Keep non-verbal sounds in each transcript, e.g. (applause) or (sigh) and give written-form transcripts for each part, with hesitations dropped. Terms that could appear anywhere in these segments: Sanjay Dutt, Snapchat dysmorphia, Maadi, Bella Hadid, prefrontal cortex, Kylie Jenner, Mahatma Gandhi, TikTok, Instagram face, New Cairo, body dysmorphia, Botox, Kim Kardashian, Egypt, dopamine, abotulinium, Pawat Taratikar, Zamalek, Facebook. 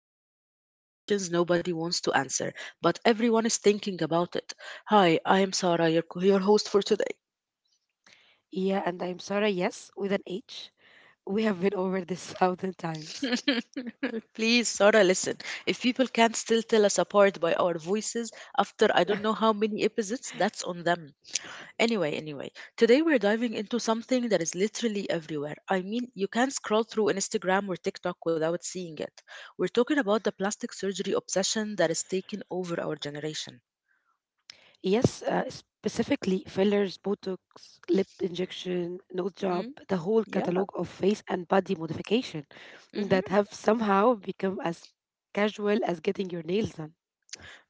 episode where we ask questions nobody wants to answer, but everyone is thinking about it. Hi, I am Sarah, your host for today. Yeah, and I'm Sarah, yes, with an H. We have been over this thousand times. (laughs) Please, Sarah, listen. If people can't still tell us apart by our voices after I don't (laughs) know how many episodes, that's on them. Anyway, today we're diving into something that is literally everywhere. I mean, you can't scroll through Instagram or TikTok without seeing it. We're talking about the plastic surgery obsession that is taking over our generation. Yes, specifically fillers, Botox, lip injection, nose job, Mm, the whole yeah. catalog of face and body modification that Mm-hmm. have somehow become as casual as getting your nails.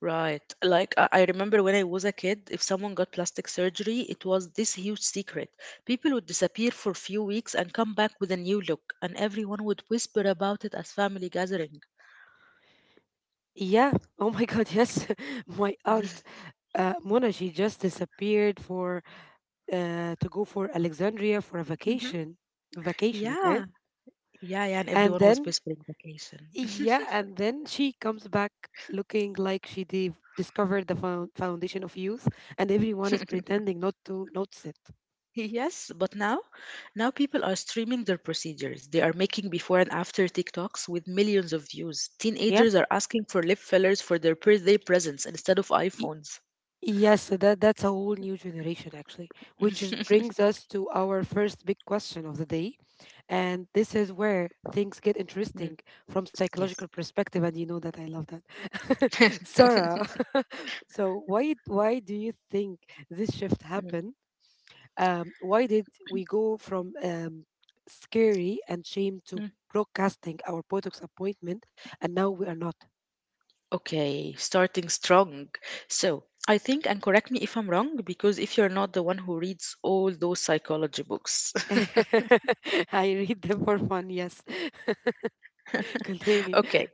Right. Like I remember when I was a kid, if someone got plastic surgery, it was this huge secret. People would disappear for a few weeks and come back with a new look, and everyone would whisper about it as family gathering. Yeah. Oh my God. Yes, (laughs) my aunt (laughs) Mona. She just disappeared for to go for Alexandria for a Hmm. vacation. Vacation. Okay. Yeah, yeah, yeah, and And everyone was then whispering vacation. (laughs) yeah, and then she comes back looking like she discovered the foundation of youth, and everyone is pretending not to notice it. Yes, but now, now people are streaming their procedures. They are making before and after TikToks with millions of views. Yeah. Teenagers are asking for lip fillers for their birthday presents instead of E, iPhones. Yes, so that's a whole new generation actually, (laughs) brings us to our first big question of the day, and this is where things get interesting from Yes. psychological perspective, and you know that I love that, (laughs) (laughs) Sarah. (laughs) So why do you think this shift Mhm. happened? Why did we go from scary and shame to broadcasting our Botox appointment, and now we are not? Okay, starting strong. So, I think, and correct me if I'm wrong, because if you're not the one who reads all those psychology books. (laughs) I read them for fun. Yes, (laughs) (laughs) continue. Okay,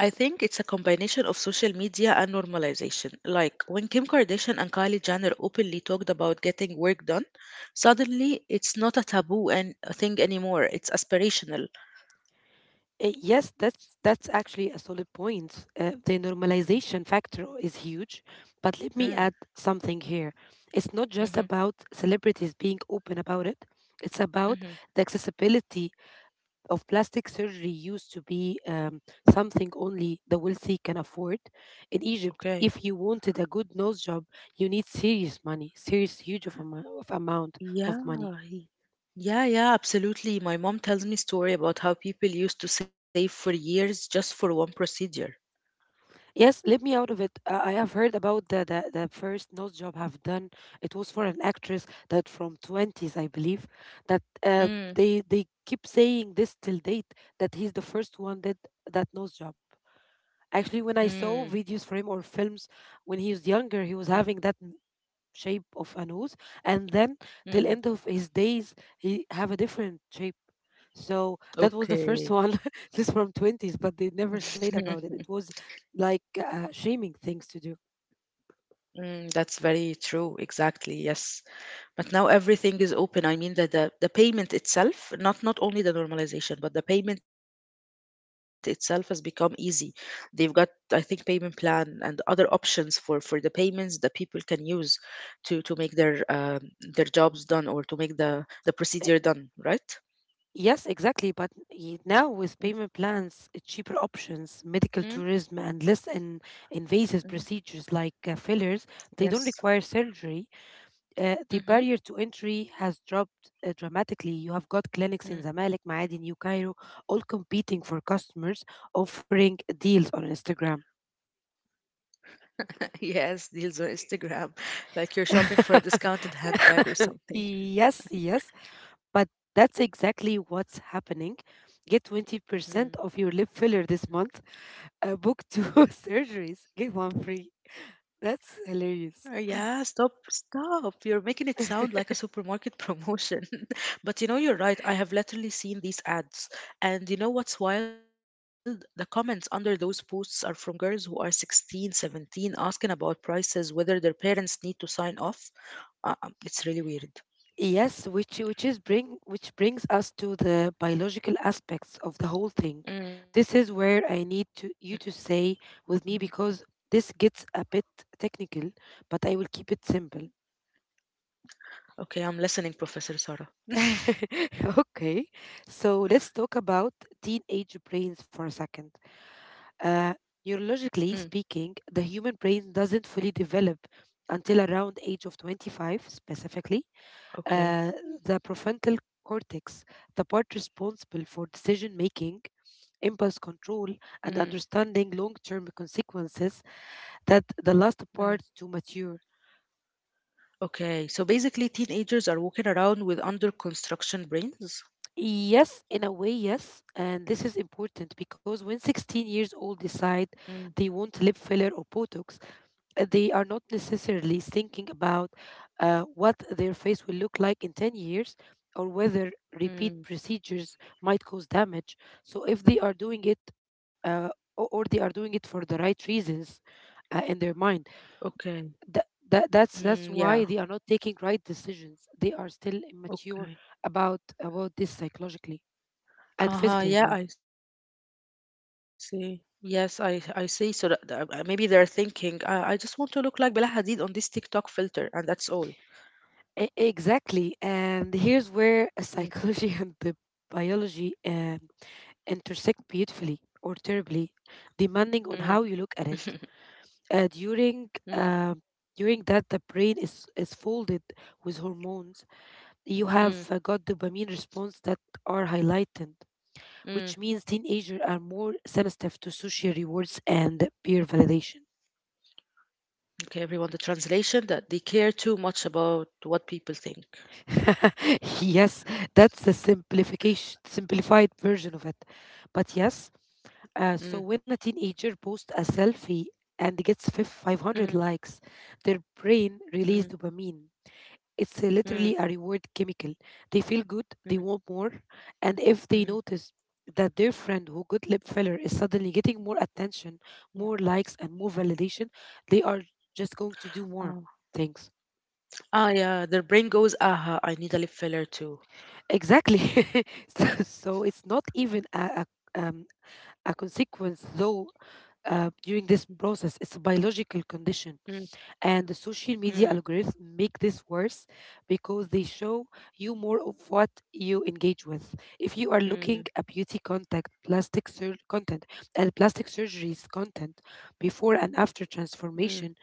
I think it's a combination of social media and normalization. Like when Kim Kardashian and Kylie Jenner openly talked about getting work done, suddenly it's not a taboo and a thing anymore. It's aspirational. Yes, that's actually a solid point. The Mm. normalization factor is huge, but let me Mm. add something here. It's not just Mhm. about celebrities being open about it. It's about Mhm. the accessibility of plastic surgery used to be something only the wealthy can afford. In Egypt, Okay. if you wanted a good nose job, you need serious money, serious huge of, amo- of amount of money. Yeah, he- yeah, yeah, absolutely. My mom tells me story about how people used to save for years just for one procedure. Yes, let me out of it. I have heard about the first nose job I've done. It was for an actress that from 20s, I believe, that uh, Mm. they they keep saying this till date that he's the first one that nose job. Actually, when I Mm. saw videos for him or films when he was younger, he was Mm. having that shape of a nose, and then Mm. till end of his days he have a different shape. So that was the Okay. first one. (laughs) This from 20s, but they (laughs) never said about it. It was like shaming things to do. Mm, that's very true. Exactly. Yes. But now everything is open. I mean that the payment itself, not only the normalization, but the payment itself has become easy. They've got, I think, payment plan and other options for the payments that people can use to make their jobs done or to make the procedure done, Uh, right? yes exactly, but now with payment plans, cheaper Mm-hmm. options, medical tourism and less in invasive procedures like fillers, Yes. they don't require surgery. uh, Mm-hmm. the barrier to entry has dropped dramatically. You have got clinics in Mm. Zamalek, Maadi, New Cairo, all competing for customers, offering deals on Instagram. (laughs) Yes, deals on Instagram, (laughs) like you're shopping for a discounted handbag or something. (laughs) Yes, yes, but that's exactly what's happening. Get 20% of your lip filler this month. Book two (laughs) surgeries, get one free. Oh, That's yeah, stop, hilarious. stop. You're making it sound like a supermarket (laughs) promotion. (laughs) But you know, you're right. I have literally seen these ads. And you know what's wild? The comments under those posts are from girls who are 16, 17, asking about prices, whether their parents need to sign off. It's really weird. Yes, which brings us to the biological aspects of the whole thing. Mm. This is where I Mm. need to you to say with me because this gets a bit technical, but I will keep it simple. Okay, I'm listening, Professor Sarah. (laughs) Okay, so let's talk about teenage brains for a second. Mm. Uh, Neurologically speaking, the human brain doesn't fully develop until around age of 25 specifically, Okay. uh, the prefrontal cortex, the part responsible for decision making, Mm. impulse control, and understanding long term consequences, that Mm. the last part to mature. Okay, so basically, teenagers are walking around with under construction brains. Yes, in a way, yes. And this is important because when Mm. 16 years old decide they want lip filler or Botox, they are not necessarily thinking about what their face will look like in 10 years or whether Mm. repeat procedures might cause damage. So, if they are doing it or they are doing it for the right reasons in their Okay. mind, that, Mm, that, yeah. that's, that's why they are not taking right decisions. They are still Okay. immature about this psychologically and Uh-huh. physically as Yeah, well. I see. Yes, I see. So maybe they're thinking, I just want to look like Bella Hadid on this TikTok filter, and that's all. Exactly. And here's Mm. where psychology (laughs) and the biology intersect beautifully or terribly, Mm. depending on (laughs) how you look at it. Uh, Mm. during uh, during that, the brain is folded with hormones. Mm. You have got dopamine response that are highlighted, Mm. which means teenagers are more sensitive to social rewards and peer validation. Okay, everyone, the translation that they care too much about what people think. (laughs) Yes, that's the simplified version of it. But Mm. yes, so when a teenager posts a selfie and gets Mm. 500 likes, their Mm. brain releases dopamine. It's Mm. literally a reward chemical. They feel good, Mm. they want more, and if they Mm. notice that their friend who good lip filler is suddenly getting Mm. more attention, more likes, and more validation, they are just Oh. going to do more things. Ah, yeah, their brain goes, aha, I need a lip filler too. Exactly. (laughs) So, it's not even um, a consequence, though, Mm. During this process. It's a biological Mm. condition. And the Mm. social media algorithms make this worse because they show you more of what you engage with. If you are Mm. looking at beauty contact, plastic surgeries content before and Mm. after transformation,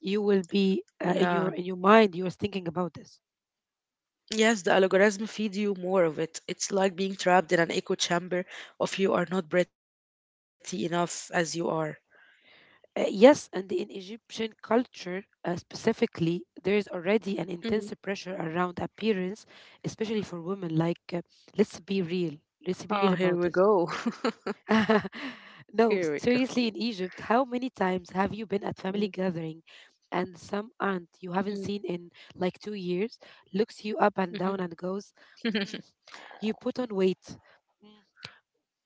you will Yeah, be in your mind. You are thinking about this. yes, the algorithm feeds you more of it. It's like being trapped in an echo chamber of you are not pretty enough as you are. Yes, and in Egyptian culture specifically, there is already Mm. an intense pressure around appearance, especially for women. Like, let's be real. Let's be Oh, real here about we this. go. (laughs) Here we (laughs) No, seriously, in Egypt, how many times go. have you been at family gathering and some Mm. aunt you haven't seen in like 2 years looks Mm. you up and down and goes, Mhm. "Mm, You put on weight. Mm,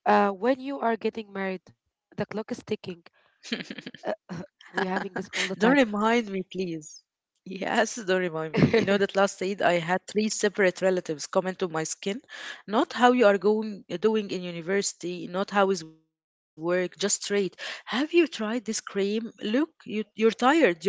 When you are getting married, the clock is ticking." Uh, (laughs) (laughs) Don't we're having this remind all me, the time. please. Yes, don't remind me. You know that last Eid I (laughs) had three separate relatives comment on my skin. Not how you are going doing in university, not how is work, just straight. Have you tried this cream? Look, you're tired. You look very tired.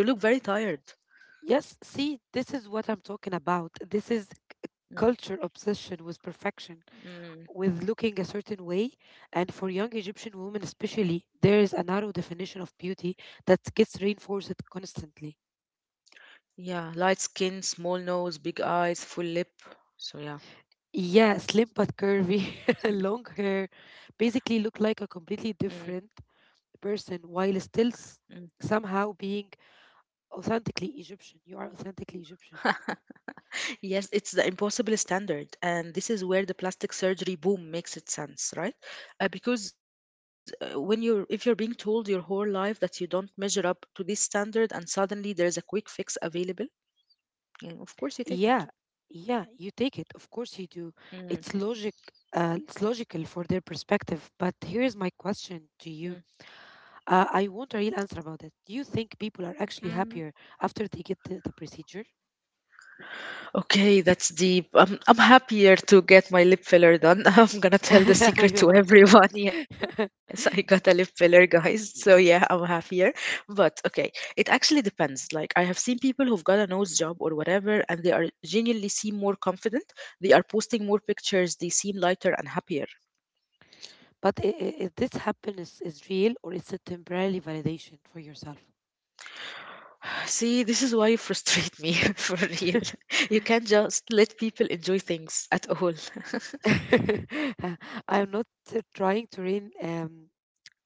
Yes, see, this is what I'm talking about. This is Mm. culture obsession with perfection, Mm. with looking a certain way. And for young Egyptian women, especially, there is a narrow definition of beauty that gets reinforced constantly. Yeah, light skin, small nose, big eyes, full lip. So yeah. Yeah, slim but curvy, (laughs) long hair, basically look Mm. like a completely different person Mm. while (laughs) still somehow being authentically Egyptian. You are authentically Egyptian. Yes, it's the impossible standard, and this is where the plastic surgery boom makes its sense, right? Because when you're if you're being told your whole life that you don't measure up to this standard, and suddenly there's a quick fix available, yeah, of course you take Yeah, yeah, you take it. Of course you do. it. Mm. It's logic. It's logical for their perspective. But here is my question to you. I want a real answer about it. Do you think people are Mm. actually happier after they get the procedure? Okay, that's deep. I'm happier to get my lip filler done. (laughs) I'm gonna (laughs) tell the secret I to know. everyone. (laughs) Yes, I got a lip (laughs) filler, guys. So yeah, I'm happier. But okay, it actually depends. Like I have seen people who've got a nose job or whatever, and they are genuinely seem more confident. They are posting more pictures. They seem lighter and happier. But this happiness is real or it's a temporary validation for yourself? (sighs) See, this is why you frustrate me (laughs) for real. (laughs) You (laughs) can't just let people enjoy things at all. (laughs) I'm not trying to rain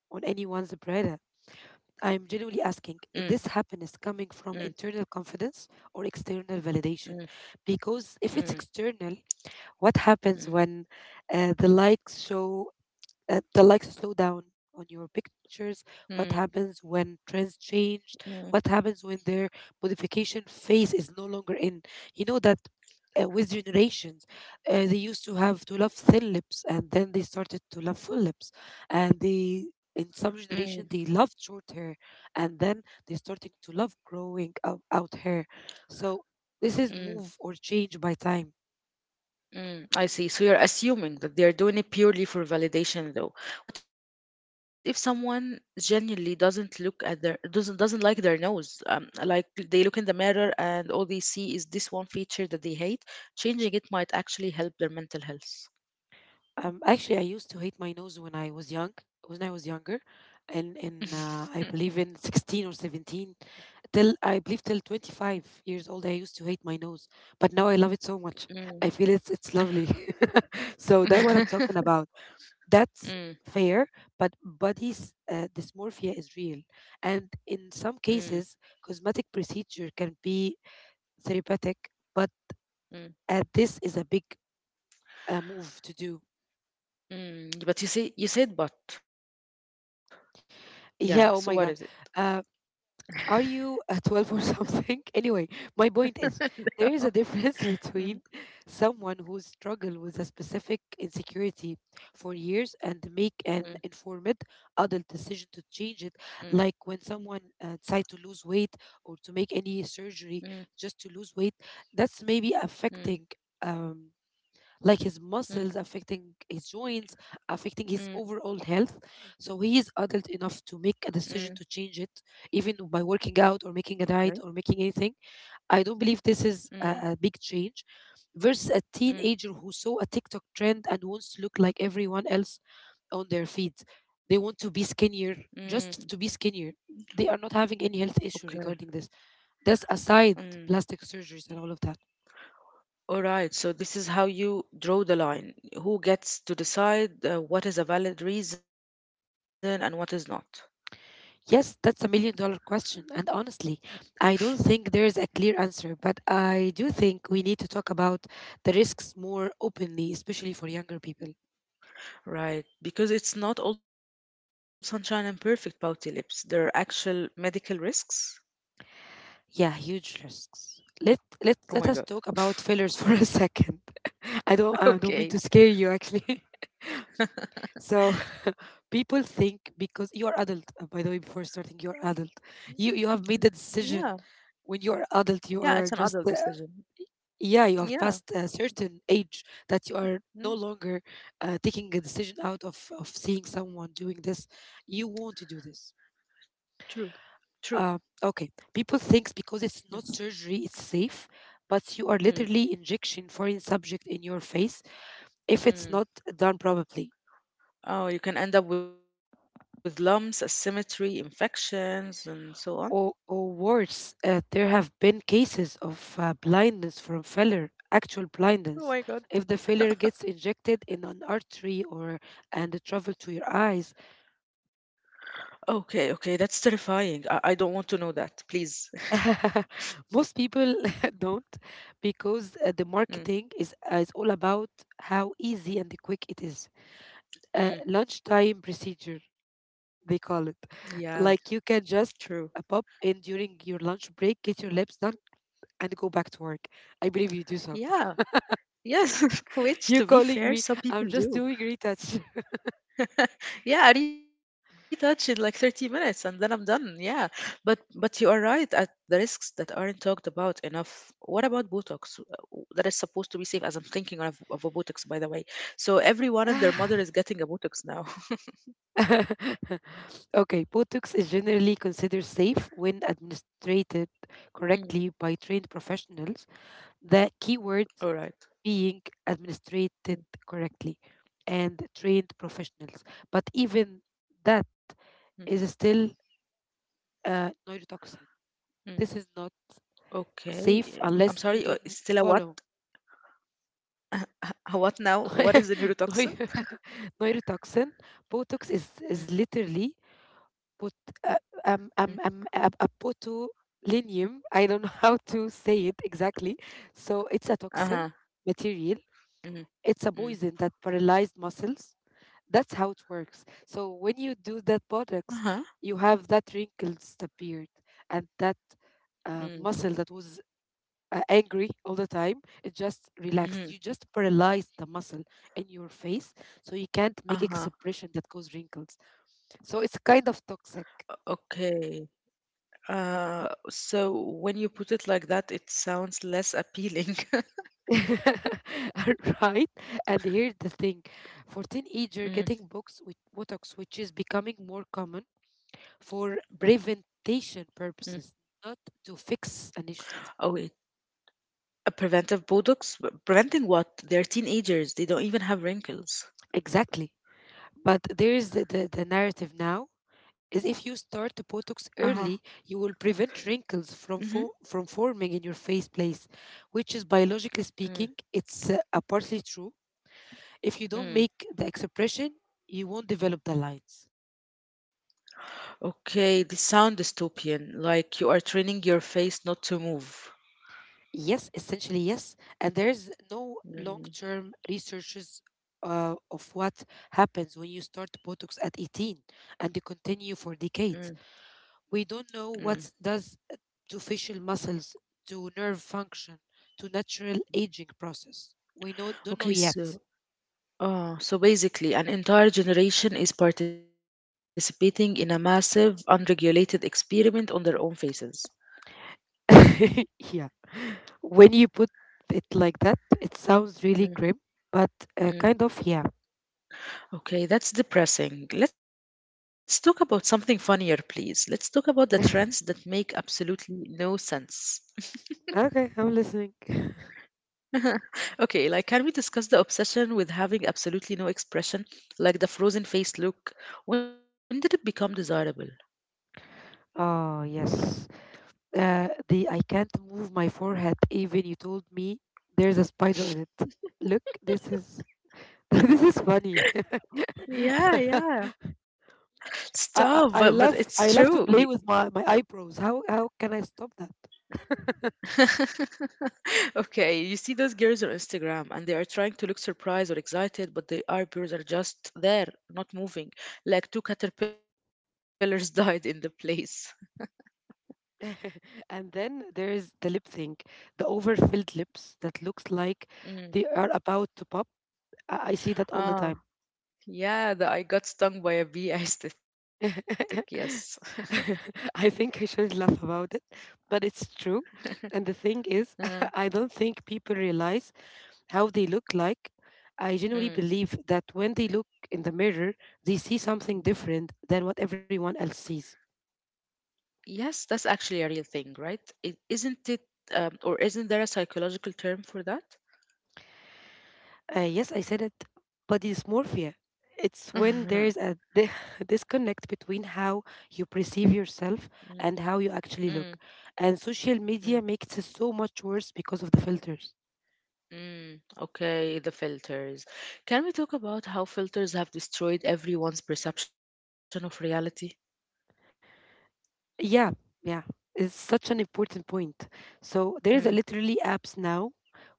on anyone's pride. I'm Mm. genuinely asking if this Mm. happiness coming from internal confidence or external Mm. validation. Because Mm. if it's external, what Mm. happens when uh, the likes show the likes slow down on your Mm. pictures? What happens when trends Mm. changed? What happens when their modification phase is no longer in? You know that with generations, they used to have to love thin lips, and then they started to love full lips, and they Mm. in some generation they loved short hair, and then they starting to love growing out hair. So Mm. this is move or change by time. Mm. I see. So you're assuming that they are doing it purely for validation, though. What if someone genuinely doesn't look at their doesn't like their nose? Like they look in the mirror and all they see is this one feature that they hate. Changing it might actually help their mental health. Actually, I used to hate my nose when I was young. When I was younger, (laughs) and in I believe in 16 or 17, till I believe till 25 years old, I used to hate my nose. But now I love it so much. Mm. I feel it's lovely. (laughs) So that what I'm talking (laughs) about. That's Mm. fair, but body's dysmorphia is real, and Mm. in some cases, cosmetic procedure can be therapeutic. But Mm. This is a big move to do. Mm. But you said but. Yeah, so what is it? Yeah. Oh my God. Uh, Are you a 12 or something? (laughs) Anyway, my point is (laughs) there is a difference Mm. (laughs) between someone who struggled with a specific insecurity for years and make an Mm. informed adult Mm. decision to change it, like when someone decide to lose weight or to make any Mm. surgery just to lose weight. That's maybe Mm. affecting. Um, like his Mm. muscles affecting his joints, affecting his Mm. overall health. So he is adult Mm. enough to make a decision to change it, even by working Okay. out or making a diet or making anything. I don't believe Mm. this is a big change versus Mm. a teenager who saw a TikTok trend and wants to look like everyone else on their feeds. They want to be Mm. skinnier, just to be skinnier. They are not having any Okay. health issue regarding this. That's Mm. aside plastic surgeries and all of that. All right. So this is how you draw the line. Who gets to decide what is a valid reason and what is not? Yes, that's $1 million question. And honestly, I don't think there is a clear answer, but I do think we need to talk about the risks more openly, especially for younger people. Right. Because it's not all sunshine and perfect pouty lips. There are actual medical risks. Yeah, huge risks. Oh Let my God. let let us talk about fillers (laughs) for a second. (laughs) (laughs) I don't I Okay. don't mean to scare you actually. (laughs) So people think because you are adult, by the way, before starting, you are adult. Mm. You have made the Yeah. decision when you are Yeah. It's adult, an you adult are just decision. yeah you Yeah. have passed a certain age that you are Mm. no longer taking a decision out of seeing someone doing this you want to do this True. True. Okay, people thinks Mm. because it's not surgery it's safe, but you Mm. are literally injection foreign subject in your face if it's Mm. not done properly. Oh, you can end up with lumps, asymmetry, infections, and so on. Or worse, there have been cases of blindness from failure, actual Oh my God. blindness if the failure gets injected in an artery or and it travel to your eyes. Okay, okay, that's terrifying. I don't want to know that, please. (laughs) (laughs) Most people (laughs) don't because Mm. the marketing is all about how easy and quick it is. Mm. Lunchtime procedure they Yeah, call it. Like you true. can just pop in during your lunch break, get your lips done, and go back to work. I believe you do so. Yeah, yes, (laughs) which (laughs) to be You're fair, calling some me. people I'm do. just doing retouch. (laughs) Yeah, I retouch in like 30 minutes and then I'm done. Yeah. But you are right at the risks that aren't talked about enough. What about Botox? That is supposed to be safe, as I'm thinking of a Botox, by the way. So everyone and their mother is getting (laughs) a Botox now. (laughs) (laughs) Okay, Botox is generally considered safe when Mm, administered correctly by trained professionals. all The right. keyword being Mm. administered correctly and trained professionals. But Mm. even that is still Mm. neurotoxin. This is not Okay. I'm sorry. Safe It's still a unless what? you don't follow. (laughs) Uh, what now? What is the neurotoxin? (laughs) neu- (laughs) Neurotoxin. Botox Mm. is literally put Mm. uh, abotulinium. I don't (laughs) know how to say it exactly. So it's a Uh-huh. toxin material. Mm. It's Mm. a poison that paralyzed muscles. That's how it works. So when Uh-huh. you do that botox, you have that wrinkle disappeared, and that Mm. Muscle that was angry all the time, it just Mhm. relaxed. You just paralyzed the muscle in your face, so you can't make Uh-huh. expression that cause wrinkles. So it's kind of Okay. toxic. So when you put it like that, it sounds less appealing. (laughs) (laughs) Right? And here's the thing, for Mm. teenagers getting books with Botox, which is becoming more common for Mm. preventation purposes, not to Oh, wait. fix an issue. A preventive Botox? But preventing what? They're teenagers. They don't even have wrinkles. Exactly. But there is the narrative now is if you Uh-huh. start the Botox early, you will Mm-hmm. prevent wrinkles from from forming in your face place, which is Mm. biologically speaking, it's partly true. If you Mm. don't make the expression, you won't develop the lines. Okay, this sound dystopian, like you are training your face not to move. Yes, essentially yes, and there is no Mm. long-term researches of what happens when you start Botox at 18 and you Mm. continue for decades. We Mm. don't know what does to facial muscles, to nerve function, to natural aging process. We know don't know Okay, yet. so Oh, so basically, an entire generation is participating in a massive, unregulated experiment on their own faces. (laughs) Yeah, when you put it like that, it sounds Mm. really grim, but Mm. kind of yeah. Okay, that's depressing. Let's talk about something funnier, please. Let's talk about the trends that make (laughs) absolutely no sense. Okay, I'm listening. (laughs) (laughs) Okay, like, can we discuss the obsession with having absolutely no expression, like the frozen face look? When did it become desirable? Oh yes. The I can't move my forehead. Even you told me there's a spider on it. Look, this is (laughs) this is funny. Yeah, yeah. (laughs) Stop, but I, I it's I true. love I love to play with my eyebrows. How can I stop that? (laughs) Okay, you see those girls on Instagram and they are trying to look surprised or excited, but the eyebrows are just there, not moving, like two caterpillars (laughs) died in the place. (laughs) And then there's the lip thing, the overfilled lips that looks like Mm. they are about to pop. I see that all the Ah, time. yeah, the I got stung by a bee aesthetic, yes. (laughs) (laughs) (laughs) I think I should laugh about it, but it's true. And the thing Uh, is, (laughs) I don't think people realize how they look like. I genuinely mm. believe that when they look in the mirror, they see something different than what everyone else sees. Yes, that's actually a real thing, right? It, isn't it, or isn't there a psychological term for that? Yes, I said it, body dysmorphia. It's when there's (laughs) a (laughs) disconnect between how you perceive Mm. yourself and how you Mm. actually look. And social Mm. media makes it so much worse because of the filters. Mm, okay, the filters. Can we talk about how filters have destroyed everyone's perception of reality? Yeah, yeah, it's such an important point. So there is a Mm. literally apps now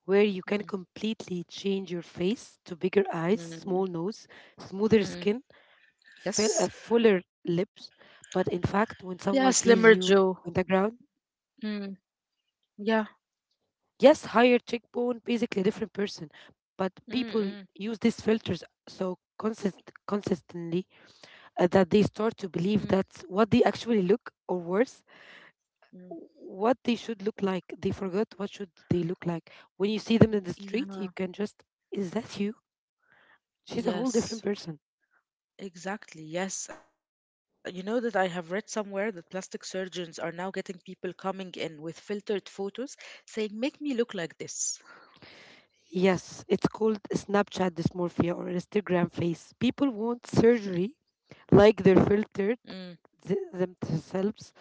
where you can Mm. completely change your face to bigger eyes, small nose, Mm. smoother skin, Mm. fill, fuller Yes. lips. But in fact, when Yeah, someone sees Slimmer you Joe. on the ground, Mm. Yeah. yes, higher cheekbone, basically a different person. But people Mm. use these Mm. filters so consistently that they start to believe Mm. that's what they actually look, or worse, Mm. what they should look like. They forgot what should they look like. When you see them in the street, you can just, Yeah, is that you? She's a whole different person. yes, exactly. Yes, you know that I have read somewhere that plastic surgeons are now getting people coming in with filtered photos saying, make me look like this. Yes, it's called Snapchat dysmorphia or Instagram face. People want surgery like they're filtered Mm. Themselves,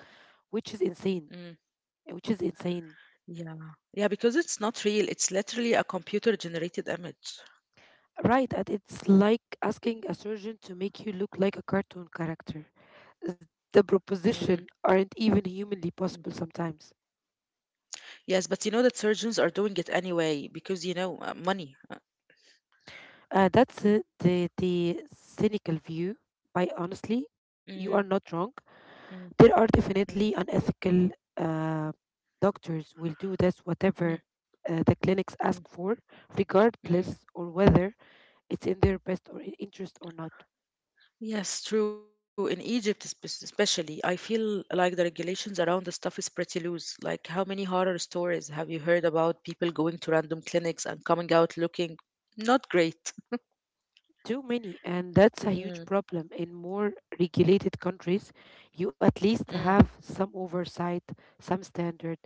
which is insane. Mm. Which is insane. Yeah. Yeah, because it's not real. It's literally a computer generated image. Right, and it's like asking a surgeon to make you look like a cartoon character. The Mm. proposition aren't even humanly Mm. possible sometimes. Yes, but you know that surgeons are doing it anyway because, you know, money. That's the, cynical view, but honestly, Mm. you are not wrong. Mm. There are Mm. definitely unethical uh, doctors will do this Mm. whatever the clinics ask Mm. for, regardless Mm. or whether it's in their best or interest or not. Yes, true. In Egypt, especially, I feel like the regulations around the stuff is pretty loose. Like, how many horror stories have you heard about people going to random clinics and coming out looking not great? Too many, and that's a huge Mm. problem. In more regulated countries, you at Mm. least have some oversight, some standard.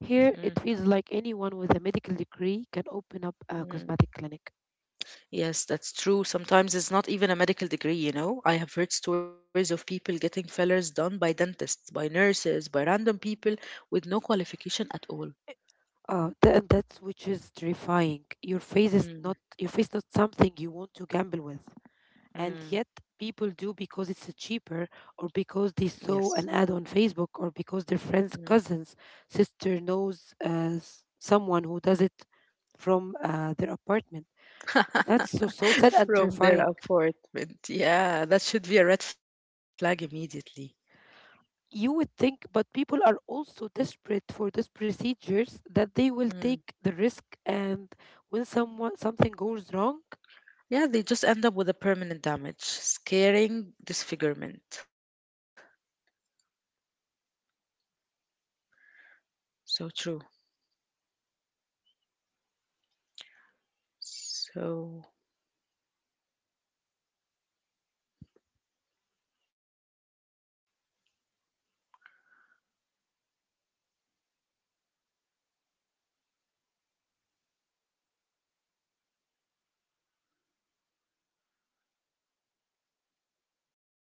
Here, Mm. it feels like anyone with a medical degree can open up a Mm. cosmetic clinic. Yes, that's true. Sometimes it's not even a medical degree, you know. I have heard stories of people getting fillers done by dentists, by nurses, by random people with no qualification at all. That's which is terrifying. Your face is Mm. not your face not something you want to gamble with, and Mm. yet people do because it's cheaper, or because they Yes. saw an ad on Facebook, or because their friend's Mm. cousin's sister knows someone who does it from their apartment. That's so so (laughs) sad and From their terrifying. apartment. Yeah, that should be a red flag immediately. You would think, but people are also desperate for these procedures that they will Mm. take the risk, and when someone something goes wrong Yeah, they just end up with a permanent damage, scaring disfigurement. So true. So